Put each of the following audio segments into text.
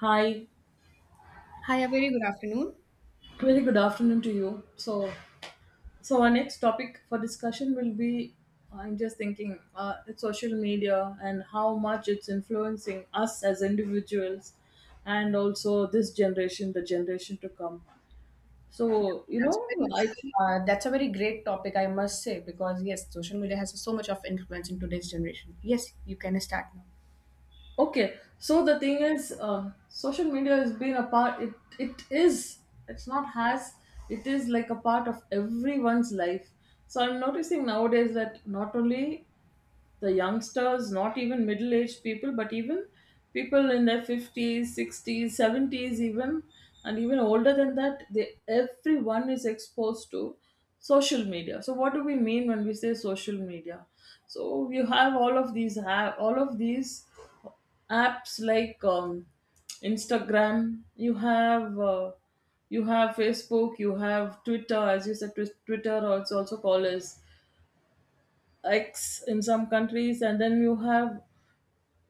Hi, Hi, a very good afternoon. very good afternoon to you. So, our next topic for discussion will be, I'm just thinking, it's social media and how much it's influencing us as individuals, and also this generation, the generation to come. So, That's a very I think- that's a very great topic, I must say, because yes, social media has so much of influence in today's generation. Yes, you can start now. okay. So the thing is, social media has been a part. It is. It's not has. It is like a part of everyone's life. So I'm noticing nowadays that not only the youngsters, not even middle aged people, but even people in their 50s, 60s, 70s, even, and even older than that, everyone is exposed to social media. So, what do we mean when we say social media? So, you have all of these, all of these apps like Instagram, you have. You have Facebook, you have Twitter, as you said, Twitter, also called as X in some countries, and then you have,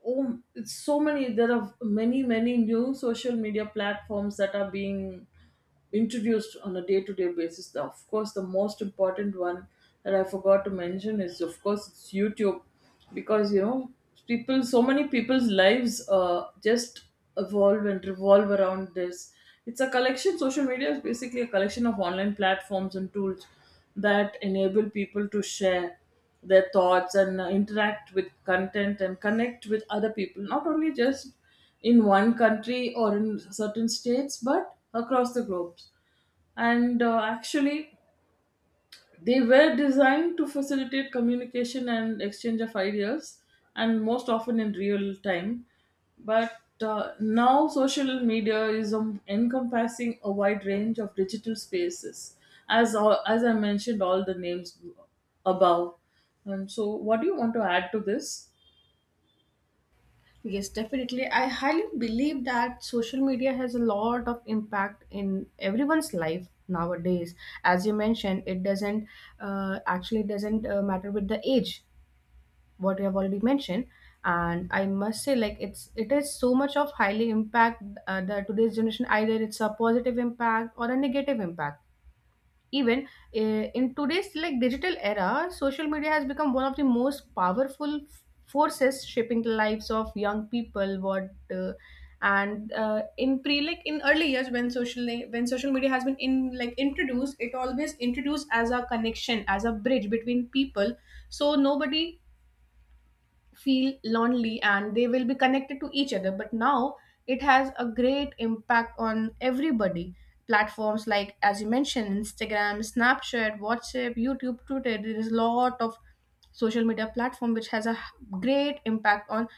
oh, it's so many. There are many new social media platforms that are being introduced on a day-to-day basis. Of course, the most important one that I forgot to mention is, of course, it's YouTube, because people, so many people's lives, just evolve and revolve around this. It's a collection Social media is basically a collection of online platforms and tools that enable people to share their thoughts and interact with content and connect with other people, not only just in one country or in certain states, but across the globe. And actually, they were designed to facilitate communication and exchange of ideas, and most often in real time. But now, social media is encompassing a wide range of digital spaces, as I mentioned, all the names above. And so, what do you want to add to this? Yes, definitely. I highly believe that social media has a lot of impact in everyone's life nowadays. As you mentioned, it doesn't actually doesn't matter with the age. What you have already mentioned, and I must say, like, it is so much of highly impact the today's generation, either it's a positive impact or a negative impact. Even in today's, like, digital era, social media has become one of the most powerful forces shaping the lives of young people. What And in pre, like in early years, when social media has been in, like, introduced, it always introduced as a connection, as a bridge between people, so nobody feel lonely and they will be connected to each other. But now it has a great impact on everybody. Platforms like, as you mentioned, Instagram, Snapchat, WhatsApp, YouTube, Twitter, there is a lot of social media platform which has a great impact on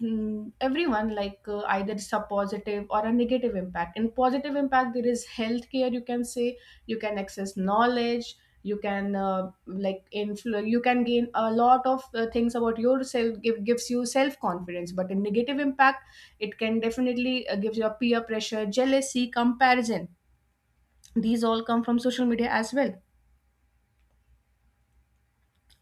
everyone. Like, either it's a positive or a negative impact. In positive impact, there is healthcare, you can say, you can access knowledge, you can like you can gain a lot of things about yourself, gives you self confidence. But in negative impact, it can definitely give you a peer pressure, jealousy, comparison. These all come from social media as well.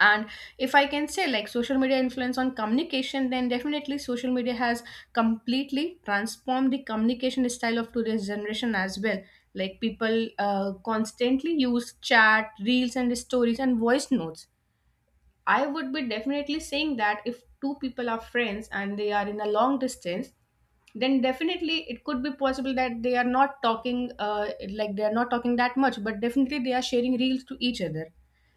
And if I can say, like, social media influence on communication, then definitely social media has completely transformed the communication style of today's generation as well. Like, people constantly use chat, reels, and stories, and voice notes. I would be definitely saying that if two people are friends and they are in a long distance, then definitely it could be possible that they are not talking like, they are not talking that much, but definitely they are sharing reels to each other.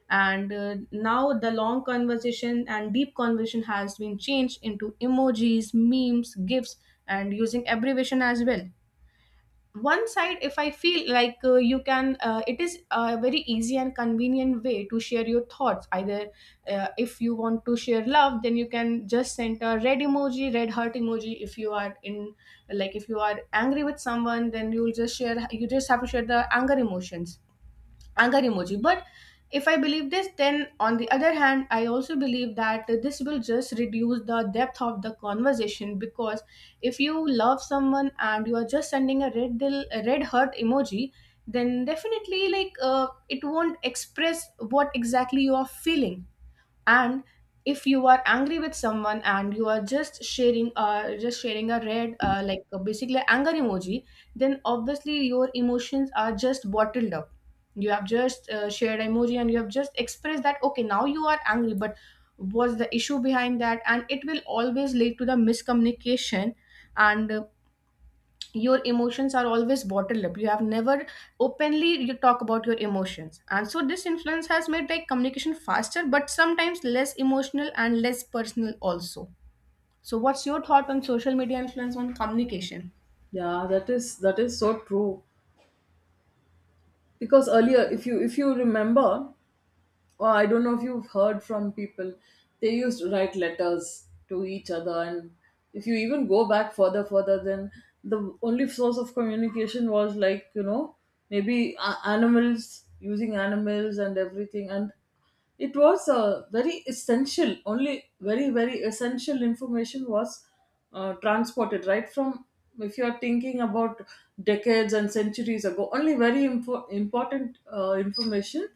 And now the long conversation and deep conversation has been changed into emojis, memes, GIFs, and using abbreviation as well. One side, if I feel like, you can it is a very easy and convenient way to share your thoughts. Either if you want to share love, then you can just send a red emoji, red heart emoji. If you are in, like, if you are angry with someone, then you just have to share the anger emotions, anger emoji. But if I believe this, then on the other hand, I also believe that this will just reduce the depth of the conversation. Because if you love someone and you are just sending a red dill, a red heart emoji, then definitely, like, it won't express what exactly you are feeling. And if you are angry with someone and you are just sharing, just sharing a red, like, basically anger emoji, then obviously your emotions are just bottled up. You have just shared emoji and you have just expressed that, okay, now you are angry, but what's the issue behind that? And it will always lead to the miscommunication. And your emotions are always bottled up. You have never openly you talk about your emotions. And so this influence has made, like, communication faster, but sometimes less emotional and less personal also. So what's your thought on social media influence on communication? Yeah, that is so true, because earlier, if you remember, well, I don't know if you've heard from people, they used to write letters to each other. And if you even go back further, further, then the only source of communication was, like, maybe animals, using animals and everything. And it was, very essential, only very, very essential information was transported right from, if you are thinking about decades and centuries ago, only very important information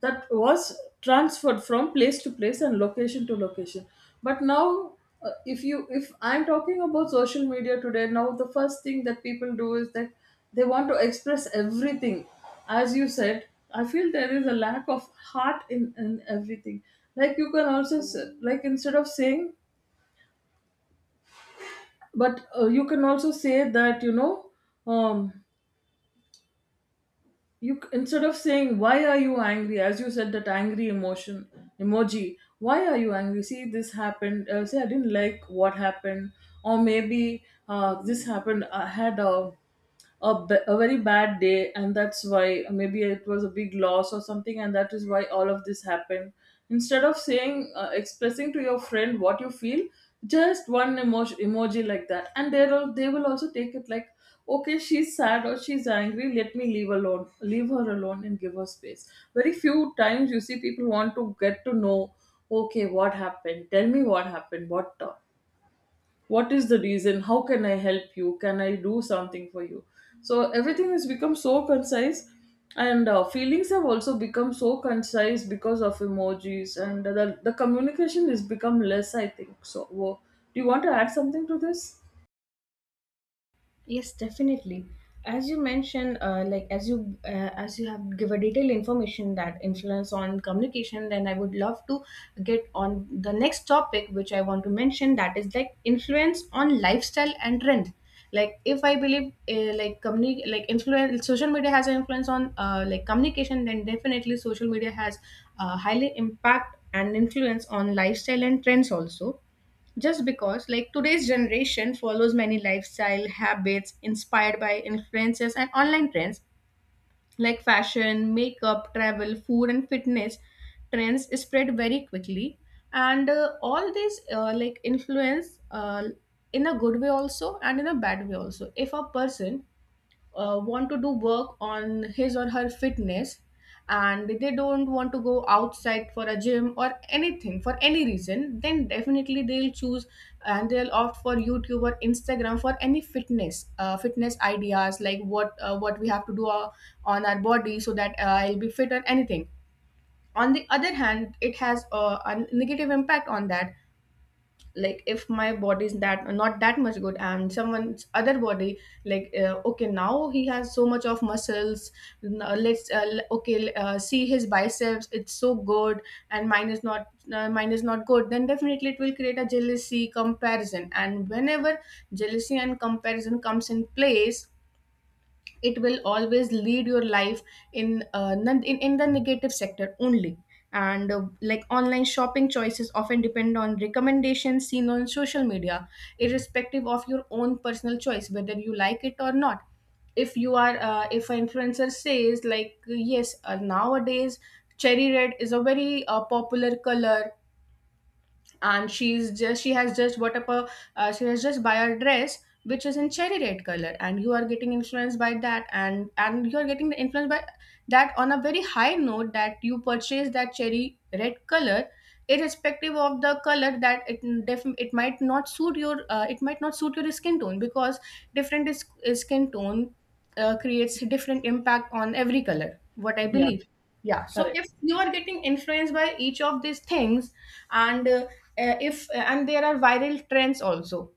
that was transferred from place to place and location to location. But now, if I'm talking about social media today, now the first thing that people do is that they want to express everything. As you said, I feel there is a lack of heart in everything. Like, you can also like, instead of saying, but you can also say that um instead of saying, why are you angry, as you said, that angry emotion emoji. Why are you angry? See this happened, say, I didn't like what happened, or maybe, this happened, I had a very bad day, and that's why, maybe it was a big loss or something, and that is why all of this happened. Instead of saying expressing to your friend what you feel, just one emoji like that, and they will also take it like, okay, she's sad or she's angry, let me leave her alone and give her space. Very few times you see people want to get to know, okay, what happened, tell me what happened, what is the reason, how can I help, you can I do something for you. So everything has become so concise, and feelings have also become so concise because of emojis, and the communication has become less, I think so. Do you want to add something to this? Yes, definitely. As you mentioned, like, as you have given detailed information that influence on communication, then I would love to get on the next topic, which I want to mention. That is, like, influence on lifestyle and trend. Like, if I believe like, like influence, social media has an influence on, like, communication, then definitely social media has highly impact and influence on lifestyle and trends also. Just because, like, today's generation follows many lifestyle habits inspired by influences and online trends, like fashion, makeup, travel, food, and fitness. Trends spread very quickly. And all these like influence, in a good way also and in a bad way also. If a person want to do work on his or her fitness, and they don't want to go outside for a gym or anything for any reason, then definitely they'll choose and they'll opt for YouTube or Instagram for any fitness fitness ideas, like, what we have to do on our body so that I'll be fit or anything. On the other hand, it has a negative impact on that. Like, if my body is that not that much good and someone's other body, like, okay, now he has so much of muscles, now let's okay, see his biceps, it's so good, and mine is not, mine is not good, then definitely it will create a jealousy, comparison. And whenever jealousy and comparison comes in place, it will always lead your life in in the negative sector only. And like, online shopping choices often depend on recommendations seen on social media, irrespective of your own personal choice, whether you like it or not. If you are if an influencer says, like, yes, nowadays cherry red is a very popular color, and she has just bought up a, she has just buy a dress which is in cherry red color, and you are getting influenced by that. And you are getting the influence by that on a very high note that you purchase that cherry red color, irrespective of the color, that it it might not suit your, it might not suit your skin tone. Because different skin tone creates different impact on every color, what I Yeah. believe. Yeah. So Correct. if you are getting influenced by each of these things, and if and there are viral trends also.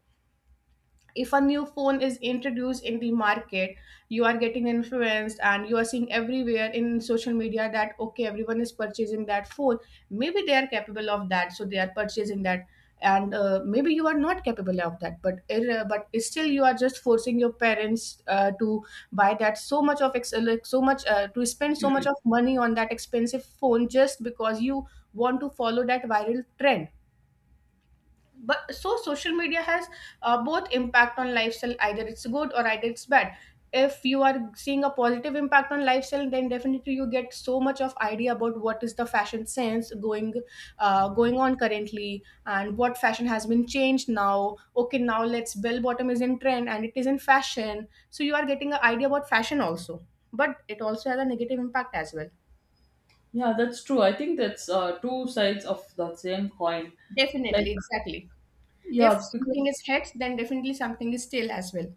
If a new phone is introduced in the market, you are getting influenced and you are seeing everywhere in social media that, okay, everyone is purchasing that phone. Maybe they are capable of that, so they are purchasing that. And maybe you are not capable of that, but but still you are just forcing your parents to buy that, so much of like, so much, to spend so much of money on that expensive phone, just because you want to follow that viral trend. But so social media has both impact on lifestyle, either it's good or either it's bad. If you are seeing a positive impact on lifestyle, then definitely you get so much of idea about what is the fashion sense going, going on currently and what fashion has been changed now. Okay, now let's bell bottom is in trend and it is in fashion, so you are getting an idea about fashion also. But it also has a negative impact as well. Yeah, that's true. I think that's, two sides of the same coin. Like, Definitely, exactly. If yeah. something is because heads, then definitely something is tail as well.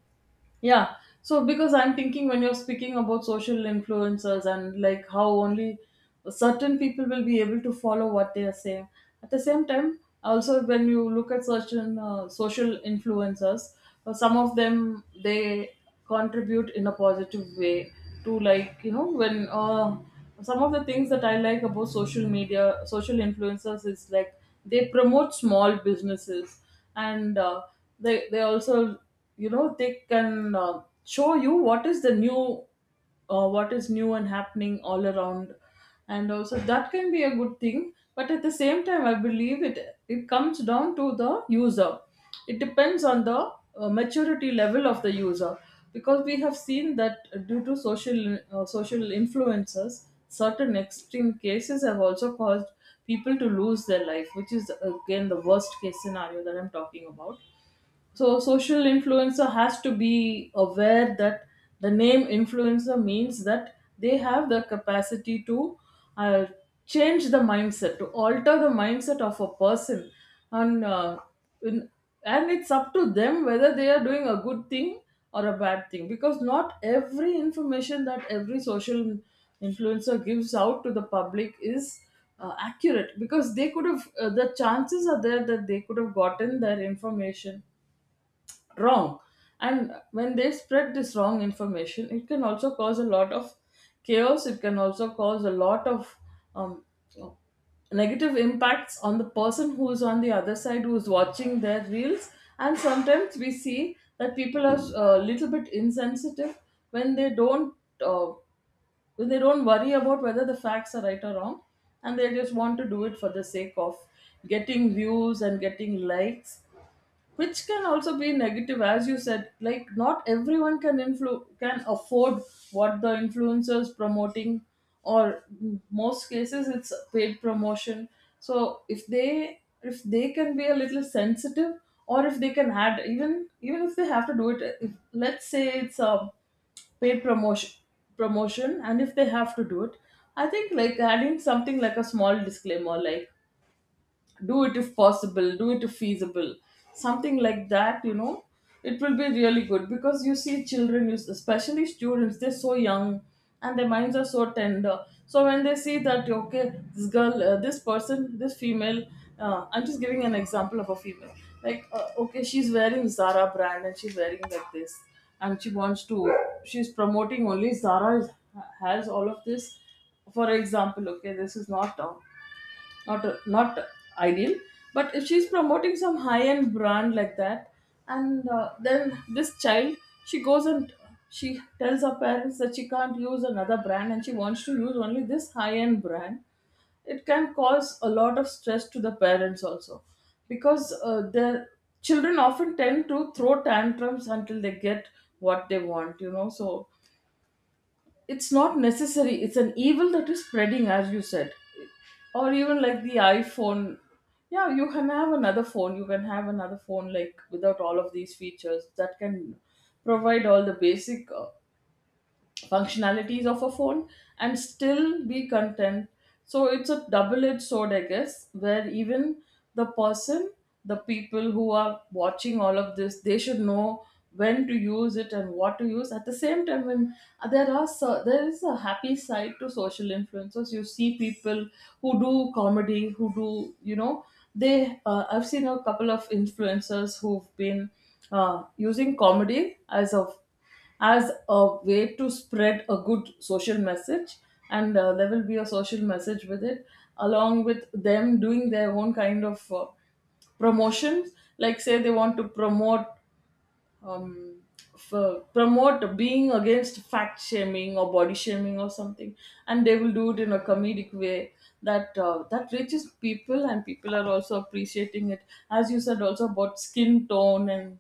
Yeah. So, because I'm thinking when you're speaking about social influencers and, like, how only certain people will be able to follow what they are saying. At the same time, also when you look at certain, social influencers, some of them, they contribute in a positive way to like you know when some of the things that I like about social media, social influencers, is, like, they promote small businesses, and they also, they can, show you what is the new, what is new and happening all around. And also that can be a good thing, but at the same time I believe it comes down to the user. It depends on the, maturity level of the user, because we have seen that due to social influences, certain extreme cases have also caused people to lose their life, which is again the worst case scenario that I'm talking about. So, social influencer has to be aware that the name influencer means that they have the capacity to, uh, change the mindset, to alter the mindset of a person, and uh, in, and it's up to them whether they are doing a good thing or a bad thing, because not every information that every social influencer gives out to the public is, accurate, because they could have the chances are there that they could have gotten their information wrong. And when they spread this wrong information, it can also cause a lot of chaos, it can also cause a lot of, um, negative impacts on the person who is on the other side, who is watching their reels. And sometimes we see that people are a little bit insensitive, when they don't uh, when they don't worry about whether the facts are right or wrong, and they just want to do it for the sake of getting views and getting likes, which can also be negative, as you said, like, not everyone can can afford what the influencer's promoting. Or most cases, it's paid promotion. So if they can be a little sensitive, or if they can add, even if they have to do it, if, let's say, it's a paid promotion, and if they have to do it, I think, like, adding something like a small disclaimer, like, do it if possible, do it if feasible, something like that. It will be really good, because you see, children, especially students, they're so young, and their minds are so tender. So when they see that, okay, this girl this person this female, I'm just giving an example of a female, like, okay, she's wearing Zara brand, and she's wearing like this, and she wants to she's promoting only Zara, has all of this. For example, okay, this is not ideal. But if she's promoting some high end brand like that, and then this child, she goes and she tells her parents that she can't use another brand, and she wants to use only this high end brand. It can cause a lot of stress to the parents also, because their children often tend to throw tantrums until they get what they want, so it's not necessary, it's an evil that is spreading, as you said. Or even like the iPhone. Yeah, you can have another phone, you can have another phone, like, without all of these features, that can provide all the basic, functionalities of a phone, and still be content. So it's a double edged sword, I guess, where even the person, the people who are watching all of this, they should know when to use it and what to use. At the same time, when, there is a happy side to social influencers. You see people who do comedy, who do, they. I've seen a couple of influencers who've been, using comedy as a way to spread a good social message, and there will be a social message with it, along with them doing their own kind of, promotions, like, say, they want to promote, um, promote being against fact shaming or body shaming or something, and they will do it in a comedic way that reaches people, and people are also appreciating it. As you said, also about skin tone, and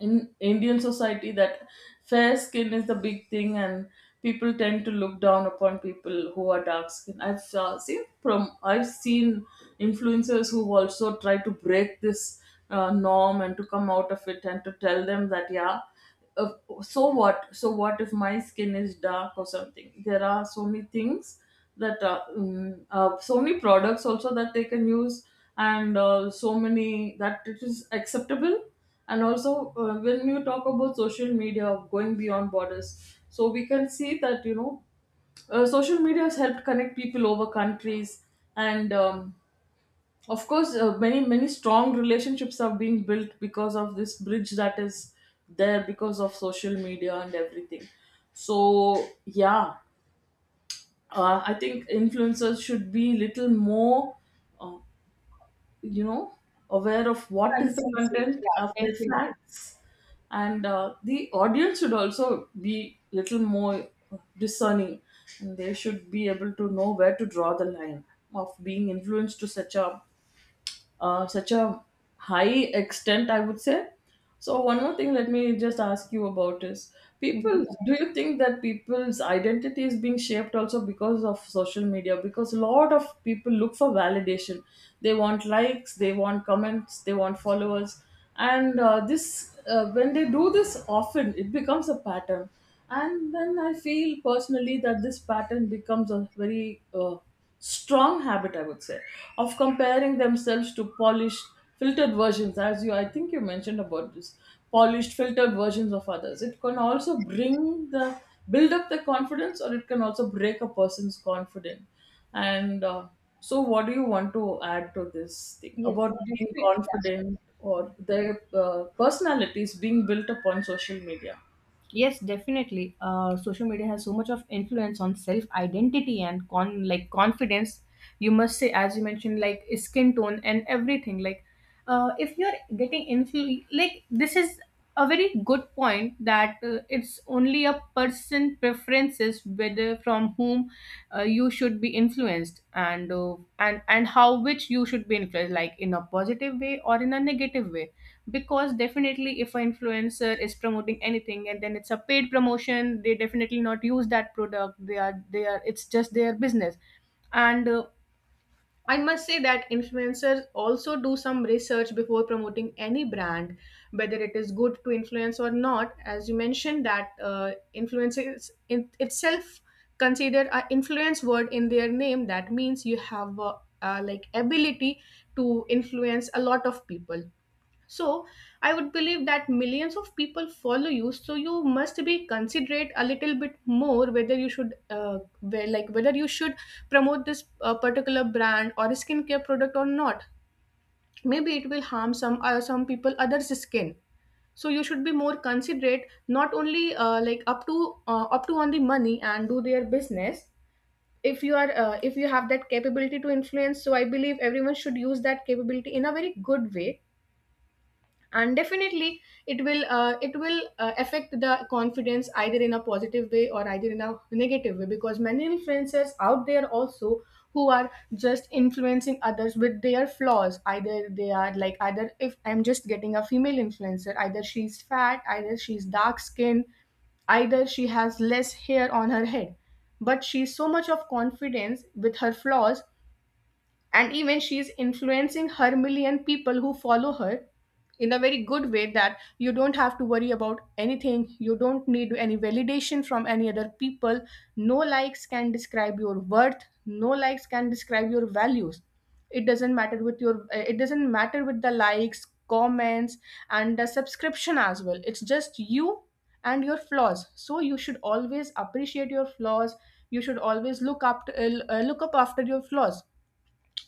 in Indian society, that fair skin is the big thing, and people tend to look down upon people who are dark skinned. I've seen from I've seen influencers who also try to break this norm and to come out of it and to tell them that, yeah, uh, so what, so what if my skin is dark or something. There are so many things that so many products also that they can use, and so many that it is acceptable. And also, when you talk about social media going beyond borders, so we can see that, you know, social media has helped connect people over countries. And of course, many many strong relationships are being built because of this bridge that is there because of social media and everything. So yeah, I think influencers should be little more uh, you know aware of what is the Considerate. content Yeah, of their definitely. facts. And the audience should also be little more discerning, and they should be able to know where to draw the line of being influenced to such a such a high extent, I would say. So, one more thing, let me just ask you about is, Mm-hmm. people, do you think that people's identity is being shaped also because of social media? Because a lot of people look for validation. They want likes, they want comments, they want followers. And this, when they do this often, it becomes a pattern. And then I feel personally that this pattern becomes a very strong habit, I would say, of comparing themselves to polished filtered versions. As you, I think you mentioned about this, polished filtered versions of others. It can also bring the, build up the confidence, or it can also break a person's confidence. And so what do you want to add to this thing Yes, about being definitely. confident or their personalities being built upon social media? Yes, definitely. Social media has so much of influence on self identity and con like confidence. You must say, as you mentioned, like skin tone and everything. Like, if you're getting like, this is a very good point that it's only a person preferences whether from whom you should be influenced. And and how which you should be influenced, like, in a positive way or in a negative way. Because definitely if an influencer is promoting anything, and then it's a paid promotion, they definitely not use that product, they are, it's just their business. And I must say that influencers also do some research before promoting any brand, whether it is good to influence or not. As you mentioned that influencers in itself consider a influence word in their name, that means you have a, like, ability to influence a lot of people. So I would believe that millions of people follow you, so you must be considerate a little bit more whether you should, where, like, whether you should promote this particular brand or a skincare product or not. Maybe it will harm some people others' skin. So you should be more considerate, not only like, up to up to on the money and do their business. If you are if you have that capability to influence, so I believe everyone should use that capability in a very good way, and definitely it will affect the confidence either in a positive way or either in a negative way, because many influencers out there also who are just influencing others with their flaws. Either they are like, either if I'm just getting a female influencer, either she's fat, either she's dark skinned, either she has less hair on her head, but she's so much of confidence with her flaws, and even she is influencing her million people who follow her in a very good way, that you don't have to worry about anything, you don't need any validation from any other people. No likes can describe your worth, no likes can describe your values. It doesn't matter with your it doesn't matter with the likes, comments, and the subscription as well. It's just you and your flaws, so you should always appreciate your flaws. You should always look up after your flaws.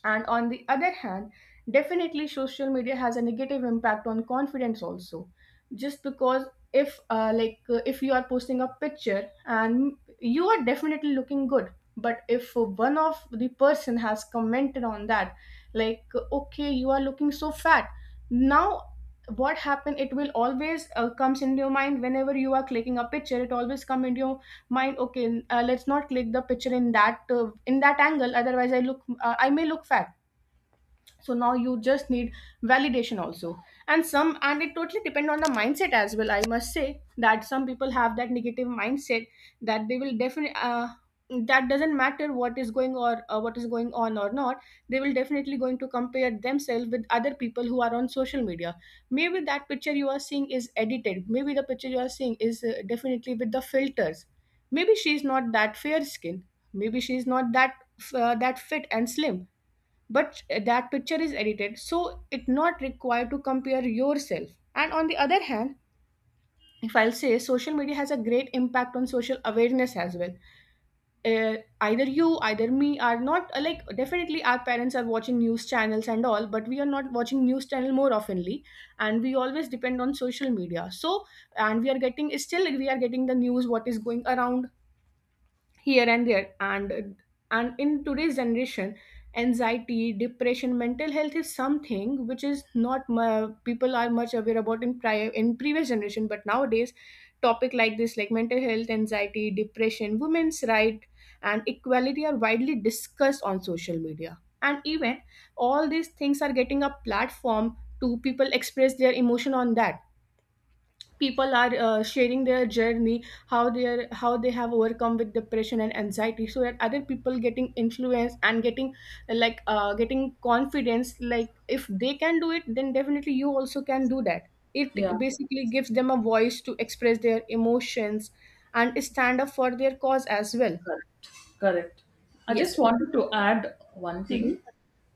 And on the other hand, definitely social media has a negative impact on confidence also. Just because, if you are posting a picture and you are definitely looking good, but if one of the person has commented on that, like, okay, you are looking so fat. Now, what happened? It will always comes into your mind whenever you are clicking a picture. It always come into your mind, okay, let's not click the picture in that angle, otherwise I may look fat. So now you just need validation also. And some, and it totally depend on the mindset as well. I must say that some people have that negative mindset that they will definitely that doesn't matter what is going or what is going on or not, they will definitely going to compare themselves with other people who are on social media. Maybe that picture you are seeing is edited, maybe the picture you are seeing is definitely with the filters. Maybe she is not that fair skin, maybe she is not that that fit and slim, but that picture is edited, so it not required to compare yourself. And on the other hand, if I'll say social media has a great impact on social awareness as well. Either you either me are not like, definitely our parents are watching news channels and all, but we are not watching news channel more oftenly, and we always depend on social media. So, and we are getting, still we are getting the news, what is going around here and there. And in today's generation, anxiety, depression, mental health is something which is not mu- people are much aware about in prior, in previous generation, but nowadays topic like this, like mental health, anxiety, depression, women's right and equality are widely discussed on social media. And even all these things are getting a platform to people express their emotion on that. People are sharing their journey, how they are, how they have overcome with depression and anxiety, so that other people getting influence and getting like, getting confidence, like if they can do it, then definitely you also can do that. Yeah. It basically gives them a voice to express their emotions and stand up for their cause as well. Correct. Correct. I Yes. just wanted to add one Mhm. thing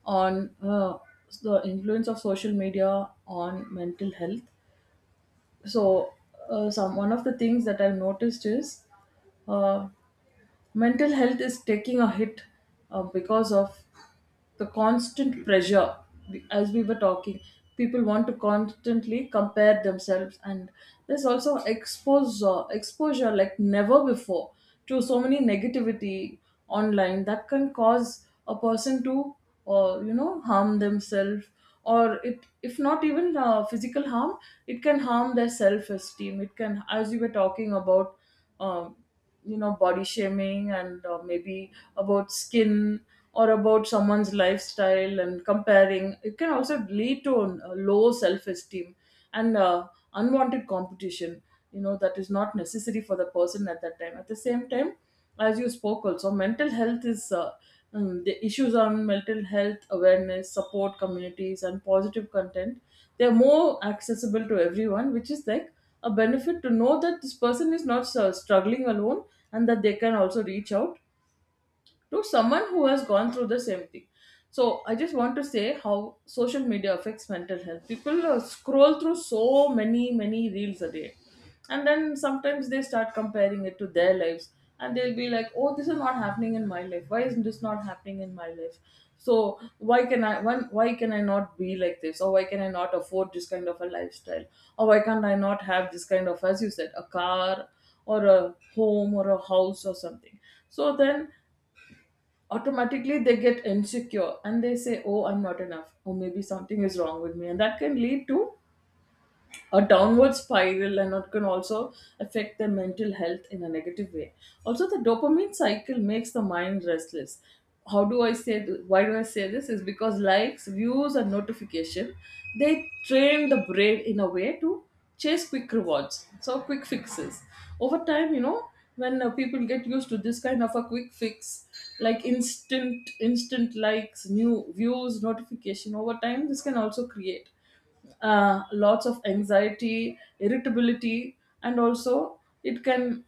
on the influence of social media on mental health. So, some one of the things that I've noticed is, uh, mental health is taking a hit because of the constant pressure. As we were talking, people want to constantly compare themselves, and there's also exposure like never before to so many negativity online that can cause a person to, you know, harm themselves, or it if not even physical harm, it can harm their self esteem. It can, as you were talking about, um you know, body shaming, and maybe about skin or about someone's lifestyle, and comparing, it can also lead to a low self-esteem and unwanted competition, you know, that is not necessary for the person at that time. At the same time, as you spoke also, mental health is the issues on mental health awareness, support communities and positive content, they're more accessible to everyone, which is like a benefit, to know that this person is not struggling alone, and that they can also reach out to someone who has gone through the same thing. So I just want to say how social media affects mental health. People scroll through so many reels a day. And then sometimes they start comparing it to their lives. And they'll be like, oh, this is not happening in my life. Why isn't this not happening in my life? So why can I, why can I not be like this? Or why can I not afford this kind of a lifestyle? Or why can't I not have this kind of, as you said, a car or a home or a house or something? So then automatically they get insecure and they say, oh, I'm not enough, or maybe something is wrong with me, and that can lead to a downward spiral, and it can also affect their mental health in a negative way. Also, the dopamine cycle makes the mind restless. How do I say th- Why do I say this? Is because likes, views, and notification, they train the brain in a way to chase quick rewards, so quick fixes. Over time, you know, when people get used to this kind of a quick fix, like instant likes, new views, notification, over time, this can also create lots of anxiety, irritability, and also it can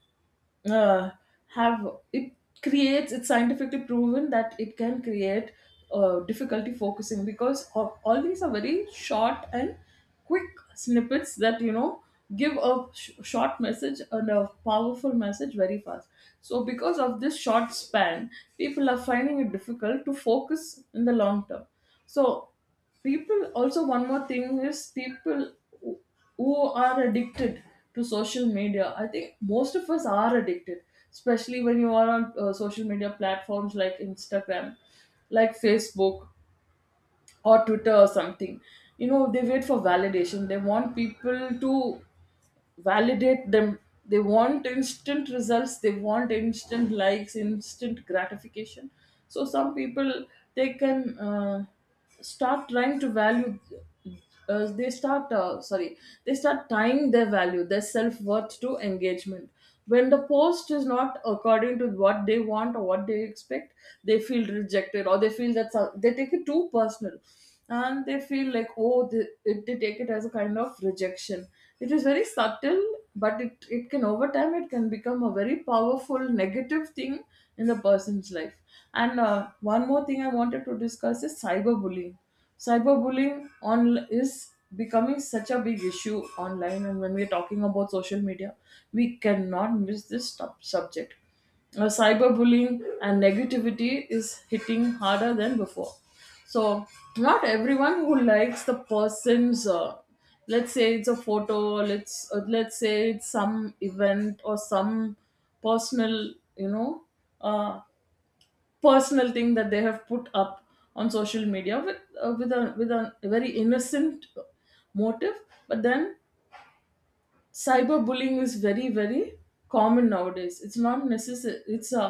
uh, have it creates it's scientifically proven that it can create difficulty focusing because of, all these are very short and quick snippets that, you know, give a short message and a powerful message very fast. So because of this short span, people are finding it difficult to focus in the long term. So people, also one more thing is, people who who are addicted to social media, I think most of us are addicted, especially when you are on social media platforms like Instagram, like Facebook, or Twitter or something. You know, they wait for validation, they want people to validate them, they want instant results, they want instant likes, instant gratification. So some people, they can start trying to value they start sorry, they start tying their value, their self-worth, to engagement. When the post is not according to what they want or what they expect, they feel rejected, or they feel that they take it too personal, and they feel like, oh, they take it as a kind of rejection. It is very subtle, but it can, over time, it can become a very powerful negative thing in the person's life. And one more thing I wanted to discuss is cyberbullying. Cyberbullying on is becoming such a big issue online, and when we're talking about social media we cannot miss this subject, cyberbullying. And negativity is hitting harder than before. So not everyone who likes the person's let's say it's a photo, let's say it's some event or some personal, you know, uh, personal thing that they have put up on social media with, with a very innocent motive. But then cyberbullying is very very common nowadays. It's not necessary, it's a,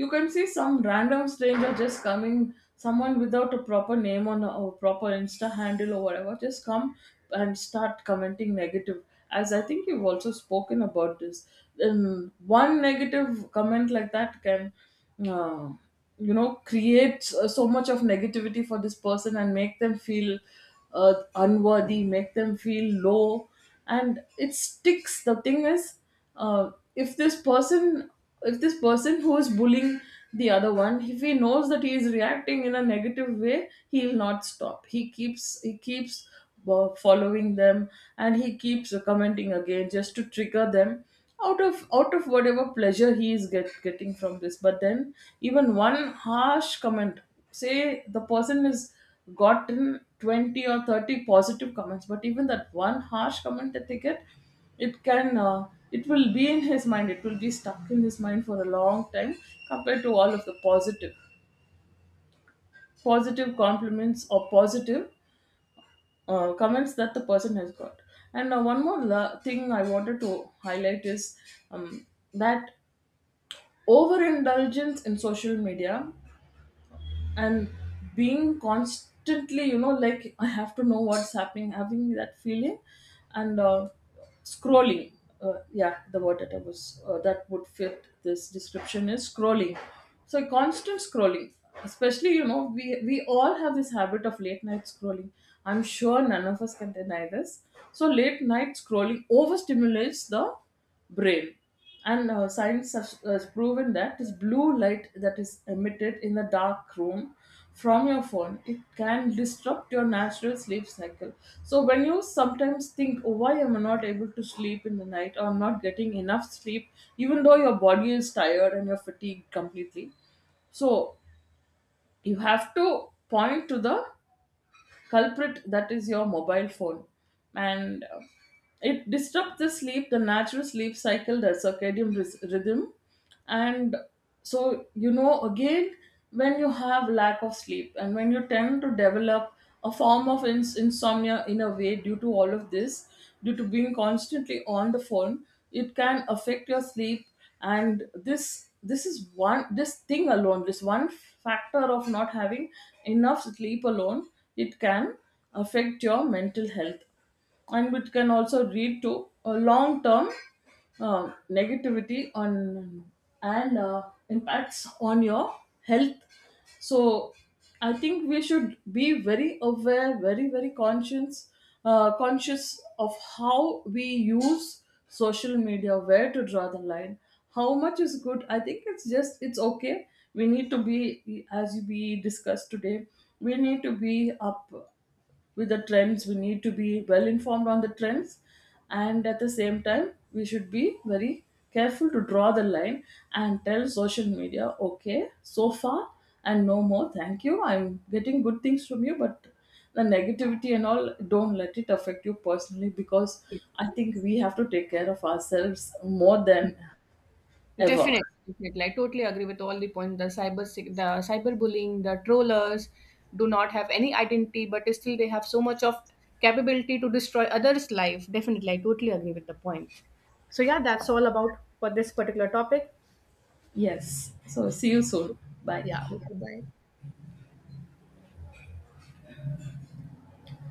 you can see some random stranger just coming, someone without a proper name on a, or proper Insta handle or whatever, just come and start commenting negative. As I think you've also spoken about this, then one negative comment like that can uh, you know, creates so much of negativity for this person and make them feel unworthy, make them feel low. And it sticks. The thing is, if this person who is bullying the other one, if he knows that he is reacting in a negative way, he will not stop, he keeps following them, and he keeps commenting again just to trigger them, out of whatever pleasure he is getting from this. But then even one harsh comment, say the person has gotten 20 or 30 positive comments, but even that one harsh comment that they get, it can it will be in his mind, it will be stuck in his mind for a long time, compared to all of the positive compliments or positive comments that the person has got. And one more thing I wanted to highlight is um, that overindulgence in social media and being constantly, you know, like I have to know what's happening, having that feeling. And scrolling, yeah, the word that I was that would fit this description is scrolling. So constant scrolling, especially, you know, we all have this habit of late night scrolling, I'm sure none of us can deny this. So late night scrolling overstimulates the brain. And science has proven that this blue light that is emitted in the dark room from your phone, it can disrupt your natural sleep cycle. So when you sometimes think, "Oh, why am I not able to sleep in the night, or I'm not getting enough sleep, even though your body is tired and you're fatigued completely?" So you have to point to the culprit, that is your mobile phone. And it disrupts the sleep, the natural sleep cycle, the circadian rhythm. And so, you know, again, when you have lack of sleep, and when you tend to develop a form of insomnia in a way, due to all of this, due to being constantly on the phone, it can affect your sleep. And this is one, this thing alone, this one factor of not having enough sleep alone, it can affect your mental health, and it can also lead to a long term, negativity on, and impacts on your health. So I think we should be very aware, very very conscious of how we use social media, where to draw the line, how much is good. I think it's just, it's okay, we need to be, as we discussed today, we need to be up with the trends, we need to be well informed on the trends, and at the same time we should be very careful to draw the line, and tell social media, okay, so far and no more, thank you, I'm getting good things from you, but the negativity and all, don't let it affect you personally, because I think we have to take care of ourselves more than ever. Definitely, definitely. I totally agree with all the points. The the cyberbullying, the trollers do not have any identity, but still they have so much of capability to destroy others' life. Definitely, I totally agree with the point. So yeah, that's all about for this particular topic. Yes, so see you soon. Bye. Yeah. Okay, bye.